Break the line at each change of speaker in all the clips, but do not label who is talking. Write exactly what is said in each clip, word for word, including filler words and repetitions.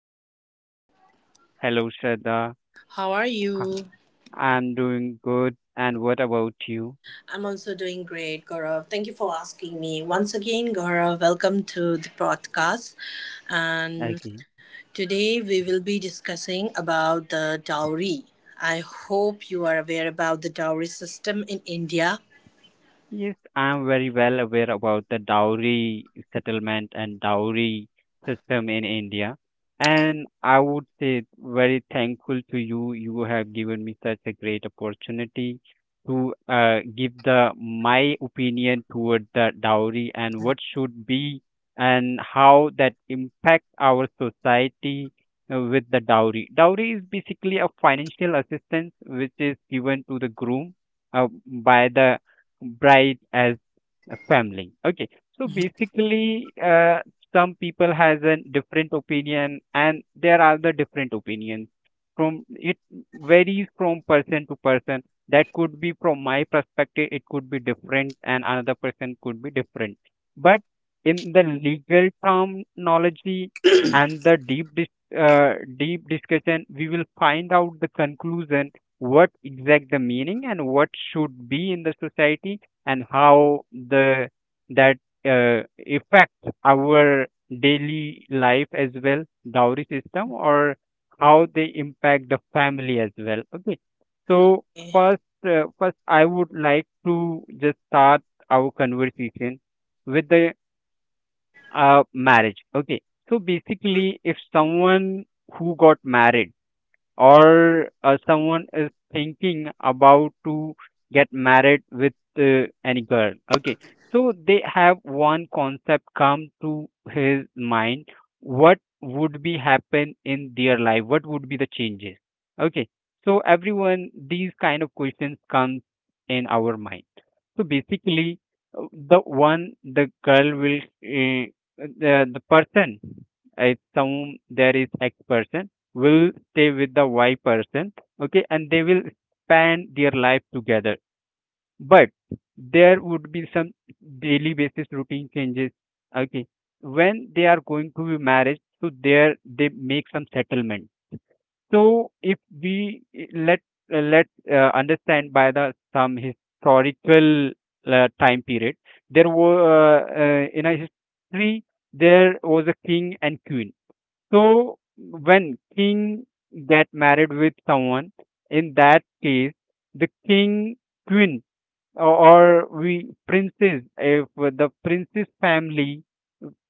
Gaurav,
Hello, Shraddha.
how are
Ha-
you?
I'm doing good. And what about you?
I'm also doing great, Gaurav. Thank you for asking me. Once again, Gaurav, welcome to the podcast. And
Okay.
today we will be discussing about the dowry. I hope you are aware about the dowry system in India.
Yes, I'm very well aware about the dowry settlement and dowry system in India. And I would say very thankful to you. You have given me such a great opportunity to uh, give the my opinion toward the dowry and what should be and how that impact our society uh, with the dowry. Dowry is basically a financial assistance which is given to the groom uh, by the bright as a family, okay. So basically, uh, some people has a different opinion and there are the different opinions from it, varies from person to person. That could be, from my perspective it could be different and another person could be different, but in the legal terminology and the deep dis- uh, deep discussion we will find out the conclusion, what exact the meaning and what should be in the society and how the that uh, affect our daily life as well, dowry system, or how they impact the family as well, okay. So first, uh, first I would like to just start our conversation with the uh, marriage, okay. So basically, if someone who got married, or uh, someone is thinking about to get married with uh, any girl, okay, so they have one concept come to his mind, what would be happen in their life, what would be the changes, okay. So everyone, these kind of questions comes in our mind. So basically, uh, the one the girl will uh, the, the person, uh, some there is x person will stay with the Y person, okay, and they will span their life together. But there would be some daily basis routine changes, okay. When they are going to be married, so there they make some settlement. So if we eh, let uh, let uh, understand by the some historical uh, time period, there were uh, uh, in a history there was a king and queen. So when king get married with someone, in that case, the king, queen, or, or we princess, if the princess family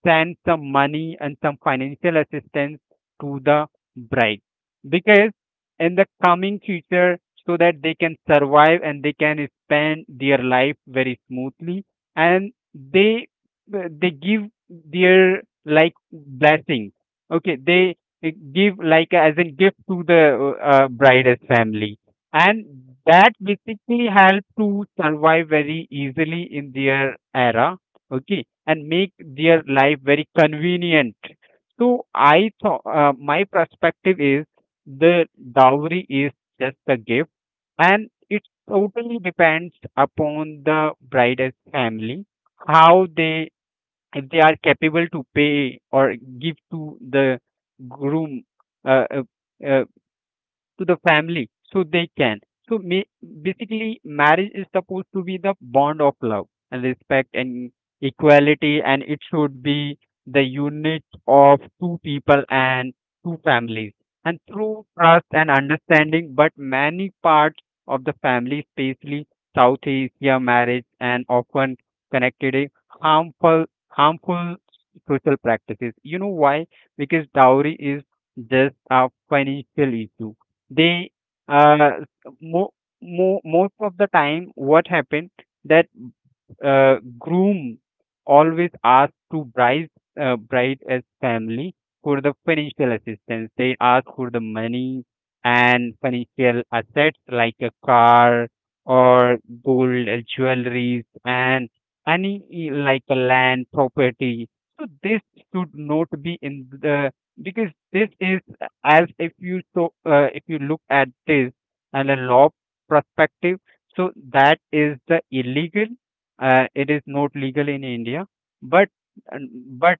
send some money and some financial assistance to the bride, because in the coming future, so that they can survive and they can spend their life very smoothly. And they they give their like blessing, okay. They uh, give like as a gift to the uh, bride's family, and that basically help to survive very easily in their era, okay, and make their life very convenient. So I thought uh, my perspective is the dowry is just a gift, and it totally depends upon the bride's family how they, if they are capable to pay or give to the groom. Uh, uh, uh, to the family so they can. So ma- Basically, marriage is supposed to be the bond of love and respect and equality, and it should be the unit of two people and two families, and through trust and understanding. But many parts of the family, especially South Asia marriage, and often connected a harmful harmful social practices. You know why? Because dowry is just a financial issue. They uh, mo- mo- most of the time what happened that uh, groom always ask to bride, uh, bride as family for the financial assistance. They ask for the money and financial assets like a car, or gold, uh, jewelries, and any eh, like a land property. So this should not be in the, because this is uh, as if you, so uh, if you look at this and a law perspective, so that is the illegal. Uh, it is not legal in India, but and- but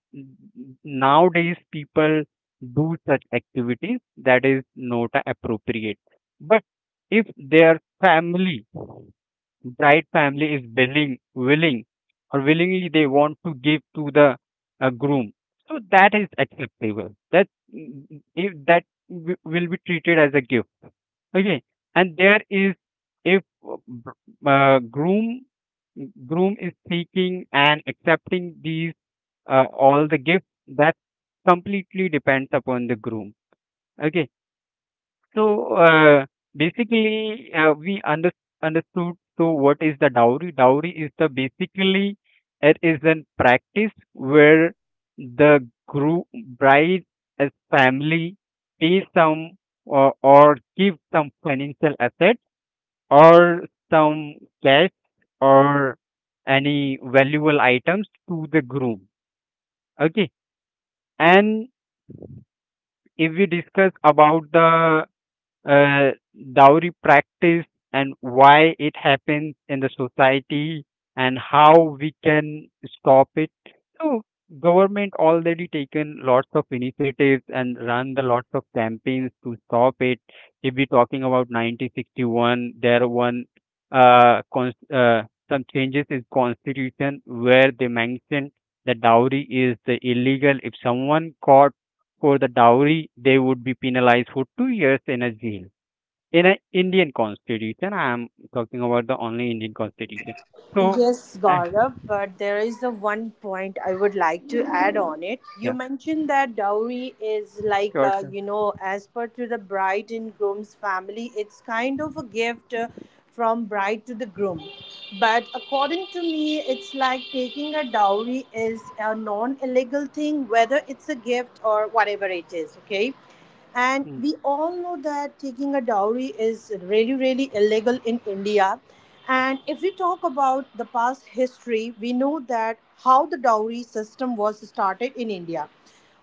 nowadays people do such activities that is not appropriate. But if their family, bride family is willing, willing or willingly they want to give to the uh, groom, so that is acceptable. That mm, if that w- will be treated as a gift. Okay, and there is, if uh, br- uh, groom, groom is seeking and accepting these uh, all the gifts, that completely depends upon the groom. Okay, so uh, basically uh, we under, understood, so what is the dowry? Dowry is the basically, it is a practice where the groom, bride as family pay some, or, or give some financial asset or some cash or any valuable items to the groom. Okay. And if we discuss about the uh, dowry practice and why it happens in the society and how we can stop it. So government already taken lots of initiatives and run the lots of campaigns to stop it. If we're talking about nineteen sixty-one, there one uh, cons- uh, some changes in constitution where they mentioned the dowry is the illegal. If someone caught for the dowry, they would be penalized for two years in a jail in an Indian constitution. I'm talking about the only Indian constitution. So,
Yes,
uh,
Gaurav, but there is a one point I would like to add on it. You
yeah,
mentioned that dowry is like,
sure,
uh,
sure.
you know, as per to the bride and groom's family, it's kind of a gift uh, from bride to the groom. But according to me, it's like taking a dowry is a non illegal thing, whether it's a gift or whatever it is, okay? And
Mm.
we all know that taking a dowry is really, really illegal in India. And if we talk about the past history, we know that how the dowry system was started in India,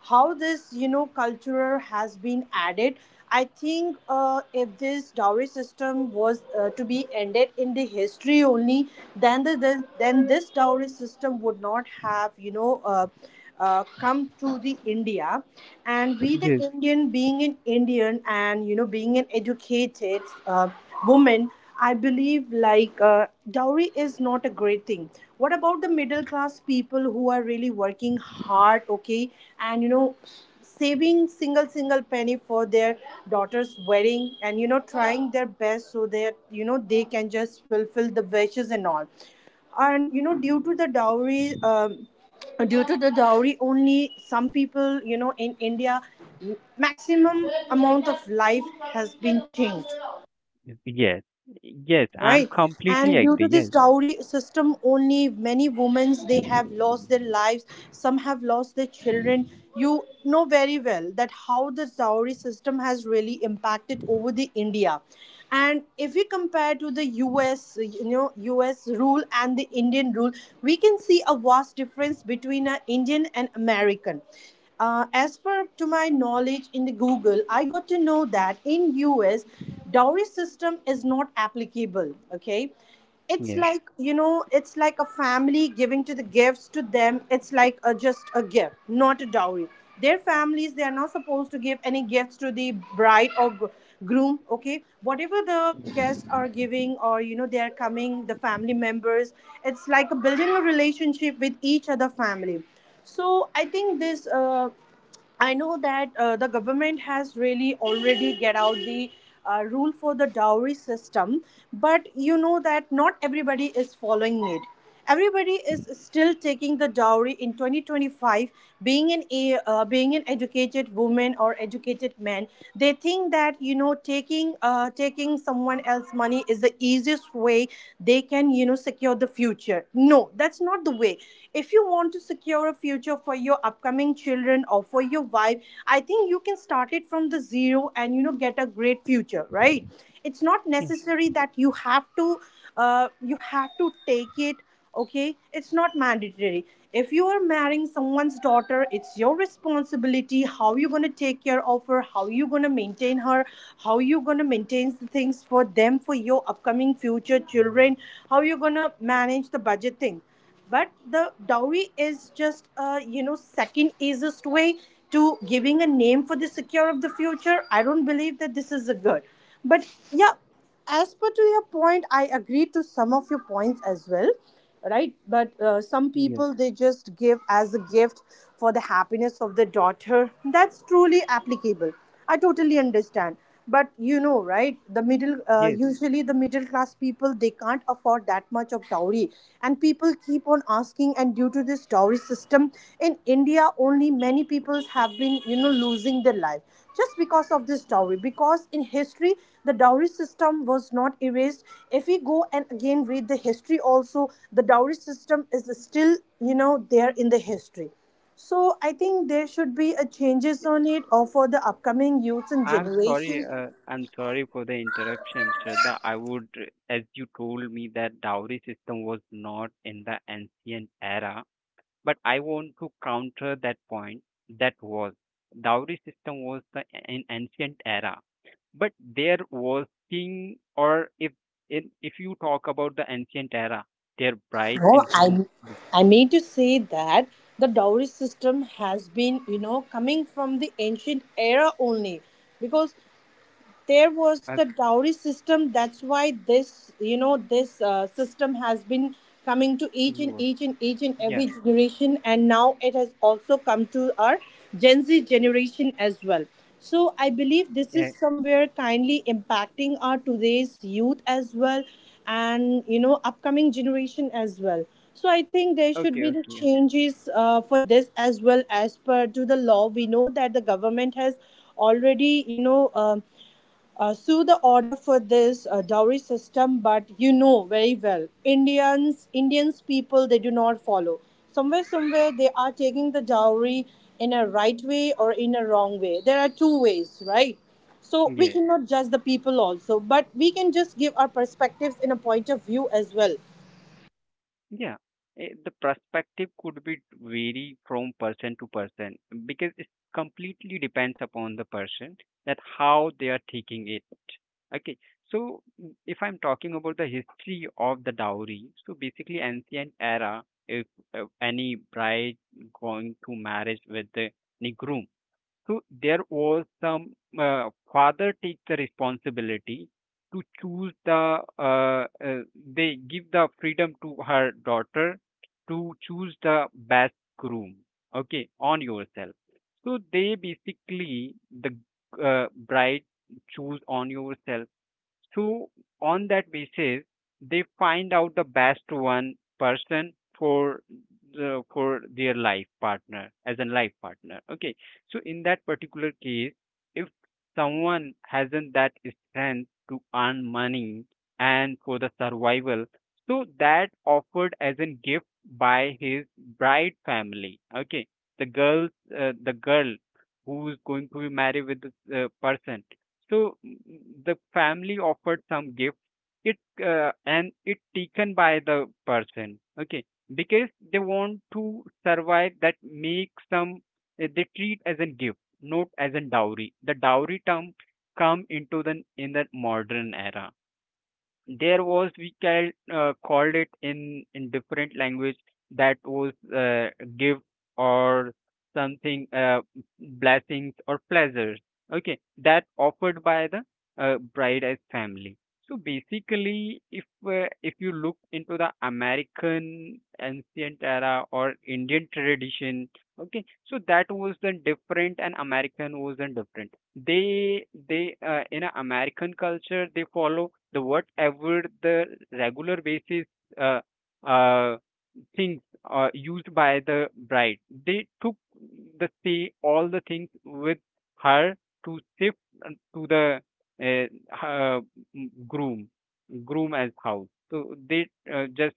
how this, you know, culture has been added. I think uh, if this dowry system was uh, to be ended in the history only, then the, the then this dowry system would not have, you know, uh, uh, come to the India, and we the
Yes,
Indian, being an Indian and you know being an educated uh, woman, I believe like uh, dowry is not a great thing. What about the middle class people who are really working hard, okay, and you know saving single single penny for their daughter's wedding, and you know trying their best so that you know they can just fulfill the wishes and all, and you know due to the dowry, um, due to the dowry only some people you know in India maximum amount of life has been changed,
yes, yes, yes. I'm
right?
completely
And due to
agree.
this
Yes,
dowry system only, many women they have lost their lives, some have lost their children. You know very well that how the dowry system has really impacted over the India. And if we compare to the US, you know, US rule and the Indian rule, we can see a vast difference between an Indian and American. Uh, as per to my knowledge, in the Google I got to know that in US dowry system is not applicable, okay? It's
yeah,
like you know it's like a family giving to the gifts to them. It's like a, just a gift, not a dowry. Their families, they are not supposed to give any gifts to the bride or gr- groom, okay? Whatever the guests are giving or you know they are coming, the family members, it's like a building a relationship with each other family. So I think this, uh, I know that uh, the government has really already get out the uh, rule for the dowry system, but you know that not everybody is following it. Everybody is still taking the dowry in twenty twenty-five. Being an a- uh, being an educated woman or educated man, they think that you know taking uh, taking someone else money is the easiest way they can you know secure the future. No, that's not the way. If you want to to secure a future for your upcoming children or for your wife, I think you can start it from the zero and you know get a great future, right? It's not
yes,
necessary that you have to uh, you have to take it, okay? It's not mandatory. If you are marrying someone's daughter, it's your responsibility how you're going to take care of her, how you're going to maintain her, how you're going to maintain things for them, for your upcoming future children, how you're going to manage the budget thing. But the dowry is just a you know second easiest way to giving a name for the secure of the future. I don't believe that this is a good, but yeah, as per to your point I agree to some of your points as well, right? But uh, some
yeah,
people they just give as a gift for the happiness of the daughter. That's truly applicable. I totally understand. But you know, right? The middle, uh,
yes.
usually the middle class people, they can't afford that much of dowry. And people keep on asking, and due to this dowry system in India, only many people have been, you know, losing their life, just because of this dowry. Because in history, the dowry system was not erased. If we go and again read the history, also, the dowry system is still, you know, there in the history. So I think there should be a changes on it or for the upcoming youths and
I'm sorry.
generations.
Uh, I'm sorry for the interruption, Shraddha. I would, as you told me, that dowry system was not in the ancient era, but I want to counter that point. That was dowry system was the an ancient era. But their working, or if in, if you talk about the ancient era, their bride
No,
and
I
groom. the-
I mean to say that the dowry system has been, you know, coming from the ancient era only. Because there was
uh,
the dowry system, that's why this you know this uh, system has been coming to
who
each and
was-
each and each and
Yeah.
every generation, and now it has also come to our Gen Z generation as well. So I believe this is
Yeah.
somewhere kindly impacting our today's youth as well, and you know upcoming generation as well. So I think there should
Okay.
be the
Okay.
changes uh, for this as well. As per to the law, we know that the government has already you know, um uh, so the order for this uh, dowry system, but you know very well, Indians, Indians people, they do not follow. Somewhere, somewhere, they are taking the dowry in a right way or in a wrong way. There are two ways, right? So we
Yeah.
cannot judge the people also, but we can just give our perspectives in a point of view as well.
Yeah, eh, the perspective could be vary from person to person, because it completely depends upon the person that how they are taking it. Okay, so mm, if I'm talking about the history of the dowry, so basically ancient era, if, if any bride going to marriage with the, the groom, so there was some uh, father takes the responsibility to choose the uh, uh, they give the freedom to her daughter to choose the best groom, okay, on yourself. So they basically the uh, bride choose on yourself. So on that basis, they find out the best one person for the, for their life partner, as a life partner. Okay. So in that particular case, if someone hasn't that strength to earn money and for the survival, so that offered as a gift by his bride family. Okay. The girls, uh, the girl who's going to be married with this uh, person, so mm, mm, the family offered some gift. It uh, and it taken by the person. Okay, because they want to survive. That make some uh, they treat as a gift, not as a dowry. The dowry term come into the in the modern era. There was we can uh, called it in in different language, that was uh, gift or something, uh, blessings or pleasures, okay, that offered by the uh, bride as family. So basically, if uh, if you look into the american ancient era or indian tradition, okay, so that was the different and american was the different. they they uh, in a American culture they follow the whatever the regular basis uh, uh, things uh, used by the bride. They took the say all the things with her to shift uh, to the uh, her mm, groom, groom as house. So they uh, just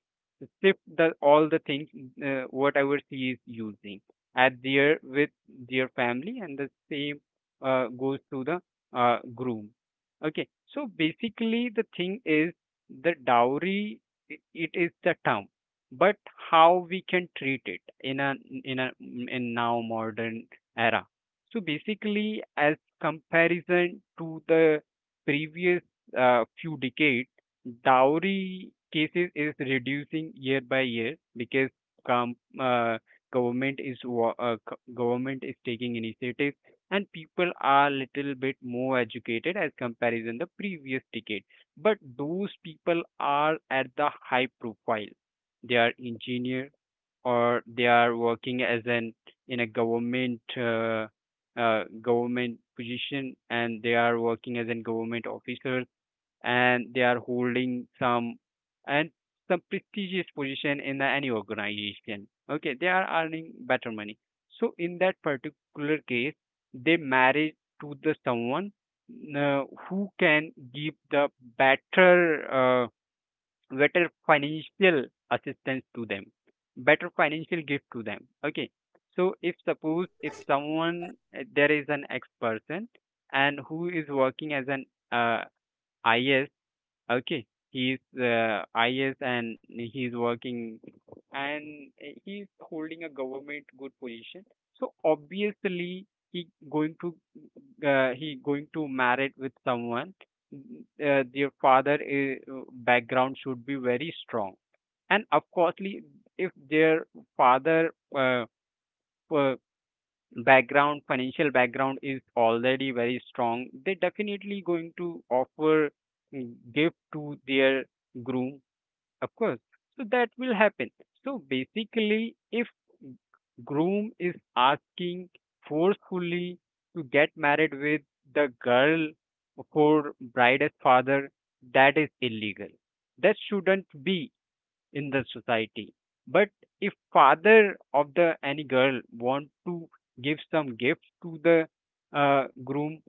shift the all the things uh, whatever she is using at their with their family, and the same uh, goes to the uh, groom. Okay, so basically the thing is the dowry, i- it is the term, but how we can treat it in a, in a, in now modern era. So basically, as comparison to the previous uh, few decades, dowry cases is reducing year by year, because com- uh, government is wa- uh, co- government is taking initiatives and people are little bit more educated as comparison the previous decade. But those people are at the high profile, they are engineer, or they are working as an in a government uh, uh, government position, and they are working as a government officer, and they are holding some, and some prestigious position in the, any organization, okay, they are earning better money. So in that particular case, they marry to the someone uh, who can give the better uh, better financial assistance to them, better financial gift to them, okay. So if suppose, if someone uh, there is an ex person, and who is working as an uh, is. Okay, he's uh, I S, and he's working, and he's holding a government good position. So obviously he going to uh, he going to married with someone. Mm. Uh, their father i- uh, background should be very strong, and of course, if their father uh, uh, background, financial background is already very strong, they definitely going to offer mm, gift to their groom, of course, so that will happen. So basically, if groom is asking forcefully to get married with the girl for bride's father, that is illegal, that shouldn't be in the society. But if father of the any girl want to give some gift to the uh, groom,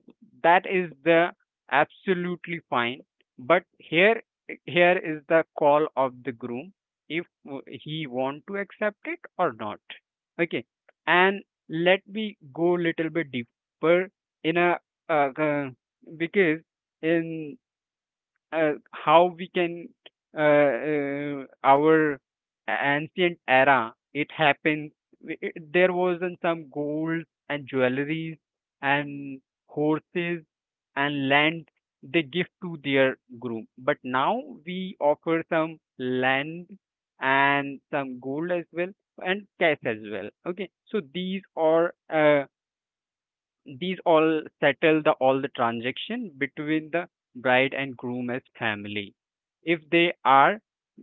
that is the absolutely fine. But here here is the call of the groom if he want to accept it or not. Okay, and let me go little bit deeper in a uh, uh, because in uh, how we can uh, uh, our ancient era it happened w- it- there wasn't some gold and jewelries and horses and land they give to their groom, but now we offer some land and some gold as well and cash as well. Okay, so these are uh, these all settle the all the transaction between the bride and groom as family if they are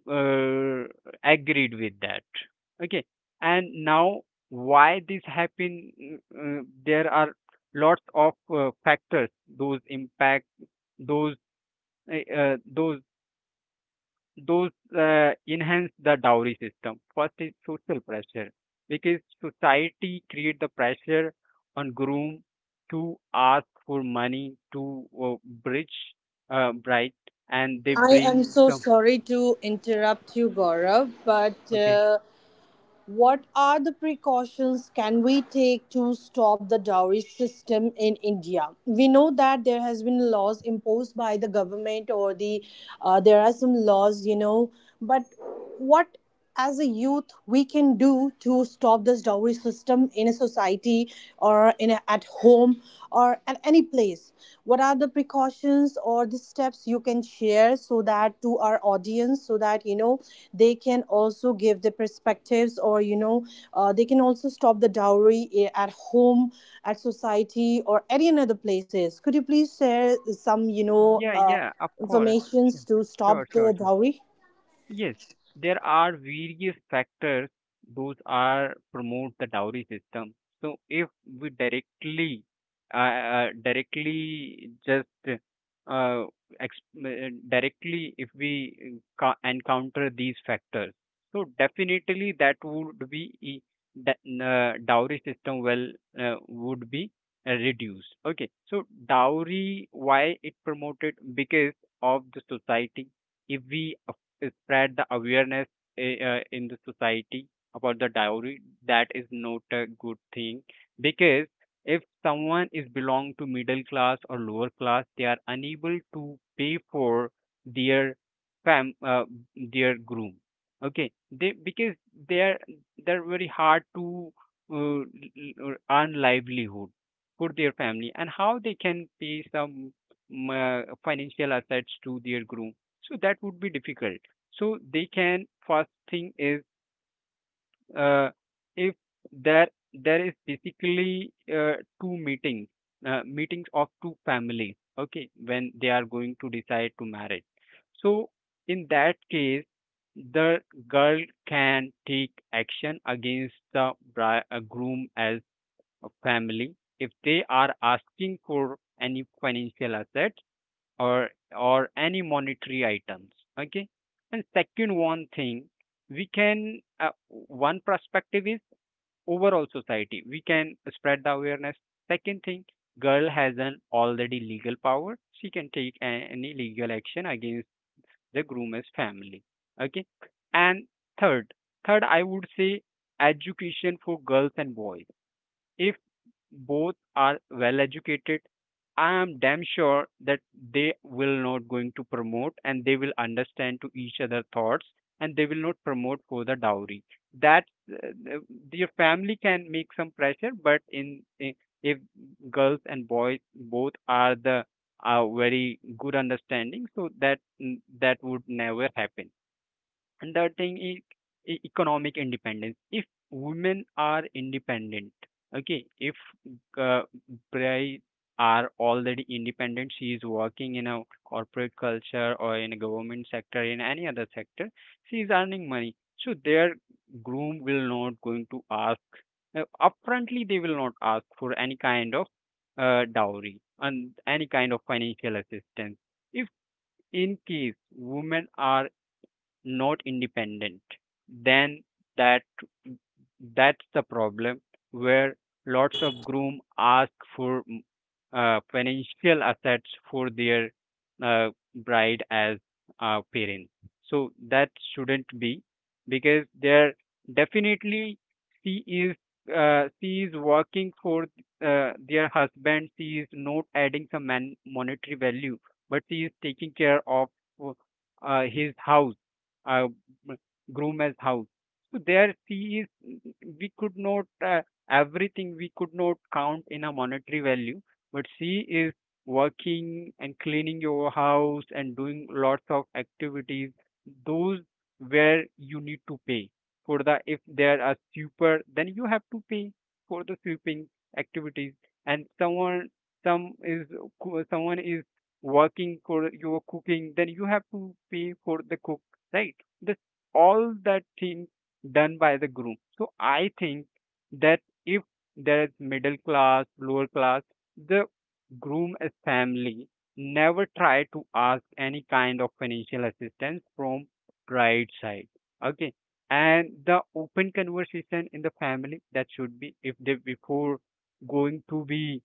uh, agreed with that. Okay, and now why this happen? Mm, Uh, there are lots of uh, factors those impact those uh, uh, those those uh, enhance the dowry system. First is social pressure, because society create the pressure on groom to ask for money to uh, bridge uh, bride, and they
I am
bring
so
some.
sorry to interrupt you, Gaurav, but
Okay,
uh, what are the precautions can we take to stop the dowry system in India? We know that there has been laws imposed by the government, or the uh, there are some laws, you know, but what as a youth we can do to stop this dowry system in a society, or in a, at home, or and any place? What are the precautions or the steps you can share so that to our audience so that you know they can also give the perspectives, or you know uh, they can also stop the dowry, eh, at home, at society, or any other places? Could you please share some you know
yeah,
uh,
yeah, of course,
informations to stop
sure,
the
sure, sure.
dowry?
Yes, there are various factors those are promote the dowry system. So if we directly, uh, uh, directly just uh, ex- uh, directly, if we ca- encounter these factors, so definitely that would be e- the uh, dowry system well uh, would be uh, reduced. Okay, so dowry, why it promoted? Because of the society. If we spread the awareness i- uh, in the society about the dowry, that is not a good thing, because if someone is belong to middle class or lower class, they are unable to pay for their fam uh, their groom. Okay, they, because they are, they're very hard to uh, l- earn livelihood for their family, and how they can pay some mm, uh, financial assets to their groom? So that would be difficult. So they can, first thing is, uh, if there there is basically uh, two meetings, uh, meetings of two families, okay, when they are going to decide to marriage. So in that case, the girl can take action against the bri- uh, groom as a family if they are asking for any financial asset or or any monetary items. Okay. And second one thing, we can, uh, one perspective is overall society we can spread the awareness. Second thing, girl has an already legal power, she can take a- any legal action against the groom's family. Okay. And third, third I would say education for girls and boys. If both are well educated, I am damn sure that they will not going to promote, and they will understand to each other thoughts, and they will not promote for the dowry. That uh, the- your family can make some pressure, but in, in if girls and boys both are the uh, very good understanding, so that mm, that would never happen. And that thing is e- economic independence. If women are independent, okay, if uh, bride are already independent, she is working in a corporate culture or in a government sector, in any other sector, she is earning money. So their groom will not going to ask uh, upfrontly. They will not ask for any kind of uh, dowry and any kind of financial assistance. If in case women are not independent, then that that's the problem where lots of groom ask for mm, uh, financial assets for their uh, bride as uh, parents. So that shouldn't be, because there definitely she is uh, she is working for uh, their husband. She is not adding some man- monetary value, but she is taking care of uh, his house, uh, m- Gruma's house. So there she is, we could not, uh, everything we could not count in a monetary value, but she is working and cleaning your house and doing lots of activities. Those where you need to pay for the, if there are super, then you have to pay for the sweeping activities. And someone, some is, co- someone is working for your cooking, then you have to pay for the cook, right? That's all that thing done by the groom. So I think that if there is middle class, lower class, the groom as family never try to ask any kind of financial assistance from bride side. Okay. And the open conversation in the family that should be if they before going to be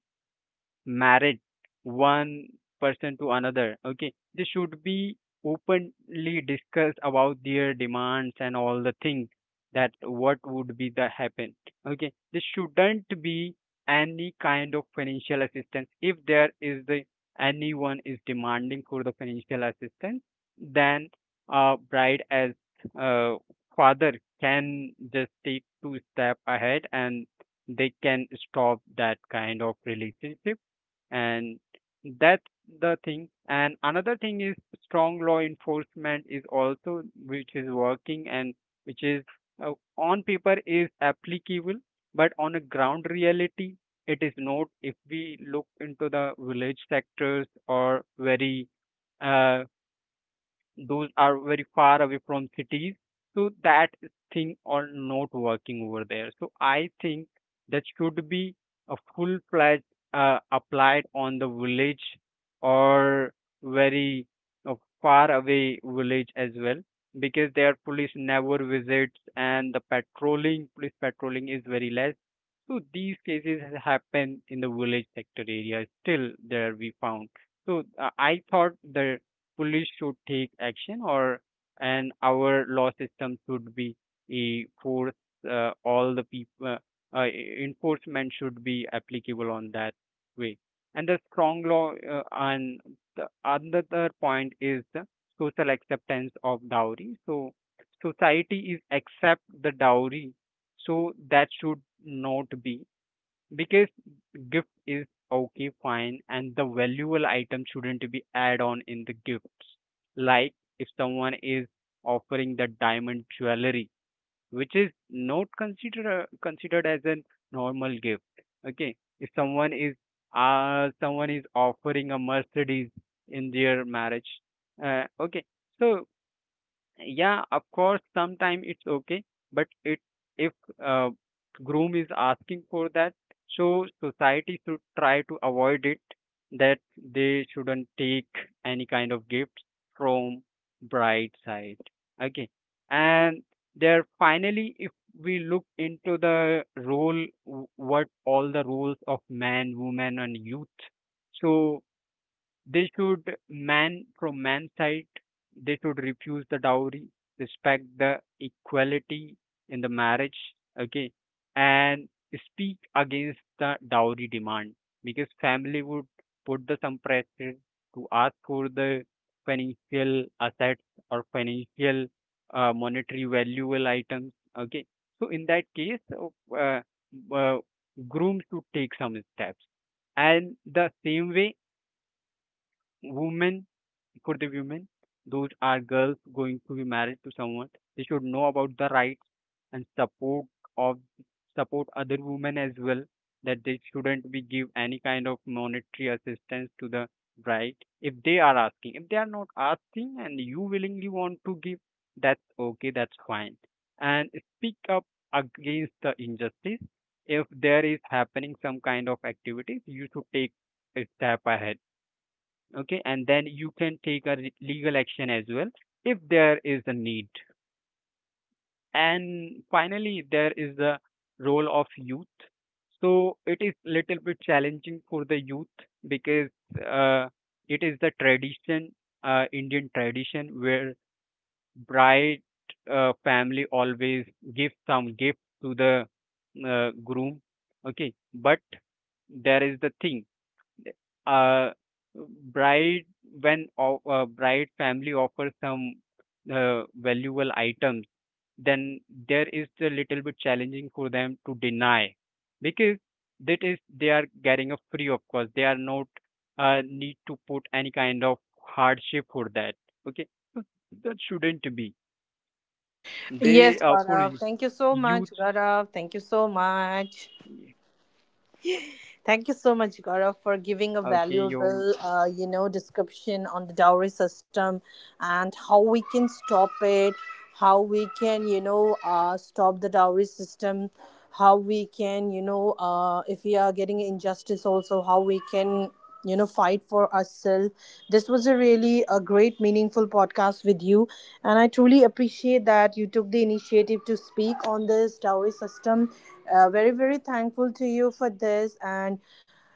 married one person to another. Okay, they should be openly discuss about their demands and all the things that what would be the happen. Okay, there shouldn't be any kind of financial assistance. If there is the anyone is demanding for the financial assistance, then uh, bride as uh, father can just take two step ahead and they can stop that kind of relationship. And that's the thing. And another thing is strong law enforcement is also, which is working and which is uh, on paper is applicable, but on a ground reality it is not, if we look into the village sectors or very uh, those are very far away from cities. So that thing are not working over there. So I think that should be a full fledged uh, applied on the village or very uh, far away village as well, because their police never visits and the patrolling, police patrolling is very less. So these cases happen in the village sector area, still there we found. So uh, I thought the police should take action, or and our law system should be a force, uh, all the people, uh, uh, e-, enforcement should be applicable on that way. And the strong law, uh, and the another point is the social acceptance of dowry. So society is accept the dowry, so that should not be, because gift is okay fine, and the valuable item shouldn't be add on in the gifts. Like if someone is offering the diamond jewelry, which is not considered, uh, considered as a normal gift. Okay. If someone is uh someone is offering a Mercedes in their marriage, uh, okay. So yeah, of course, sometime it's okay, but it, if uh, groom is asking for that, so society should try to avoid it, that they shouldn't take any kind of gifts from bride side. Okay. And there finally, if we look into the role, w- what all the roles of man, woman, and youth. So they should man from man's side, they should refuse the dowry, respect the equality in the marriage, okay, and speak against the dowry demand, because family would put the some pressure to ask for the financial assets or financial, uh, monetary valuable items, okay. So in that case, uh, uh, uh, groom should take some steps. And the same way, women, for the women, those are girls going to be married to someone. They should know about the rights and support of support other women as well. That they shouldn't be give any kind of monetary assistance to the bride if they are asking. If they are not asking and you willingly want to give, that's okay, that's fine. And speak up against the injustice. If there is happening some kind of activities, you should take a step ahead. Okay, and then you can take a re- legal action as well if there is a need. And finally there is the role of youth. So it is little bit challenging for the youth, because uh, it is the tradition, uh, Indian tradition where bride uh, family always give some gift to the uh, groom. Okay, but there is the thing, uh bride, when o- uh, bride family offers some uh, valuable items, then there is a little bit challenging for them to deny, because that is they are getting a free. Of course they are not uh, need to put any kind of hardship for that. Okay. So that shouldn't be. They
Yes,
are for
Gaurav. Thank you so
youth.
much, Gaurav. Thank you so much. Thank you so much, Gaurav, for giving a
Okay. You.
valuable, uh, you know, description on the dowry system and how we can stop it, how we can, you know, uh, stop the dowry system, how we can, you know, uh, if we are getting injustice, also how we can you know fight for ourselves. This was a really a great meaningful podcast with you, and I truly appreciate that you took the initiative to speak on this dowry system. Uh, very very thankful to you for this, and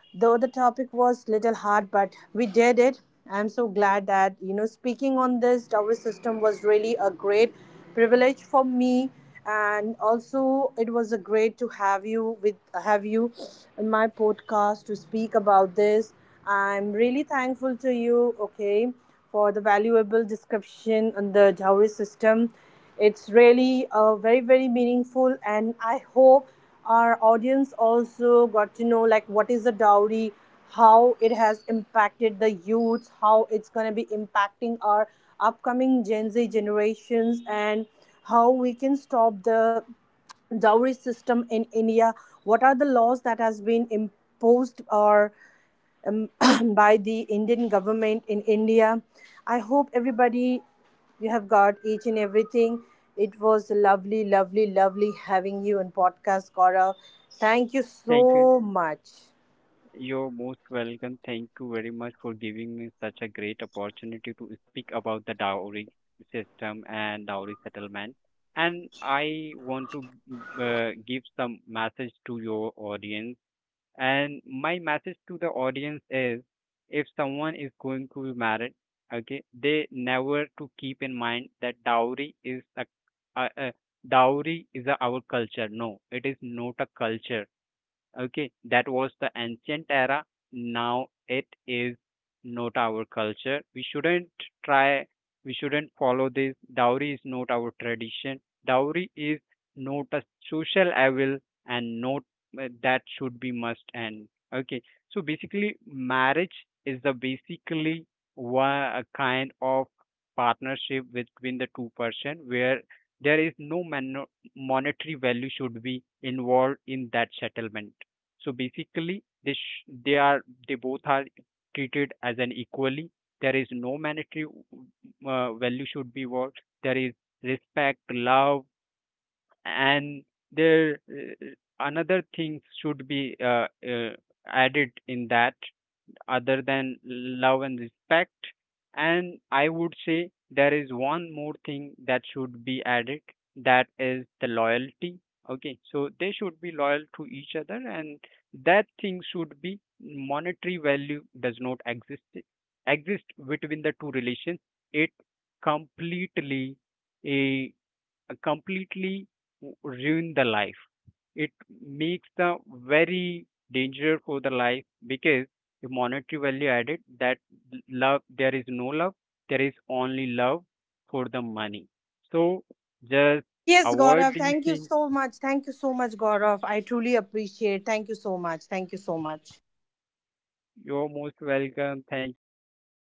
though the topic was little hard, but we did it. I'm so glad that you know speaking on this tower system was really a great privilege for me, and also it was a great to have you with have you in my podcast to speak about this. I'm really thankful to you, okay, for the valuable description on the dowry system. It's really uh, very very meaningful, and I hope our audience also got to know like what is the dowry, how it has impacted the youths, how it's going to be impacting our upcoming Gen Z generations, and how we can stop the dowry system in India, what are the laws that has been imposed or um, by the Indian government in India. I hope everybody you have got each and everything. It was lovely, lovely, lovely having you on podcast, Gaurav. Thank you
Thank you.
so much.
You're most welcome. Thank you very much for giving me such a great opportunity to speak about the dowry system and dowry settlement. And I want to uh, give some message to your audience. And my message to the audience is, if someone is going to be married, okay, they never to keep in mind that dowry is a, a, a dowry is a, our culture. No, it is not a culture. Okay, that was the ancient era. Now it is not our culture. We shouldn't try, we shouldn't follow this. Dowry is not our tradition. Dowry is not a social evil, and not uh, that should be must end. Okay, so basically, marriage is the basically one, a kind of partnership between the two person, where there is no man- monetary value should be involved in that settlement. So basically, they sh- they are, they both are treated as an equally. There is no monetary uh, value should be worked. There is respect, love, and there uh, another thing should be uh, uh, added in that, other than love and respect. And I would say there is one more thing that should be added, that is the loyalty. Okay, so they should be loyal to each other, and that thing should be monetary value does not exist exist between the two relations. It completely eh, uh, completely ruin the life. It makes the very danger for the life, because the monetary value added, that love, there is no love, there is only love for the money. So just
Yes,
avoid
Gaurav.
these
Thank you
things.
so much. Thank you so much, Gaurav. I truly appreciate. Thank you so much. Thank you so much.
You're most welcome. Thank you. Have a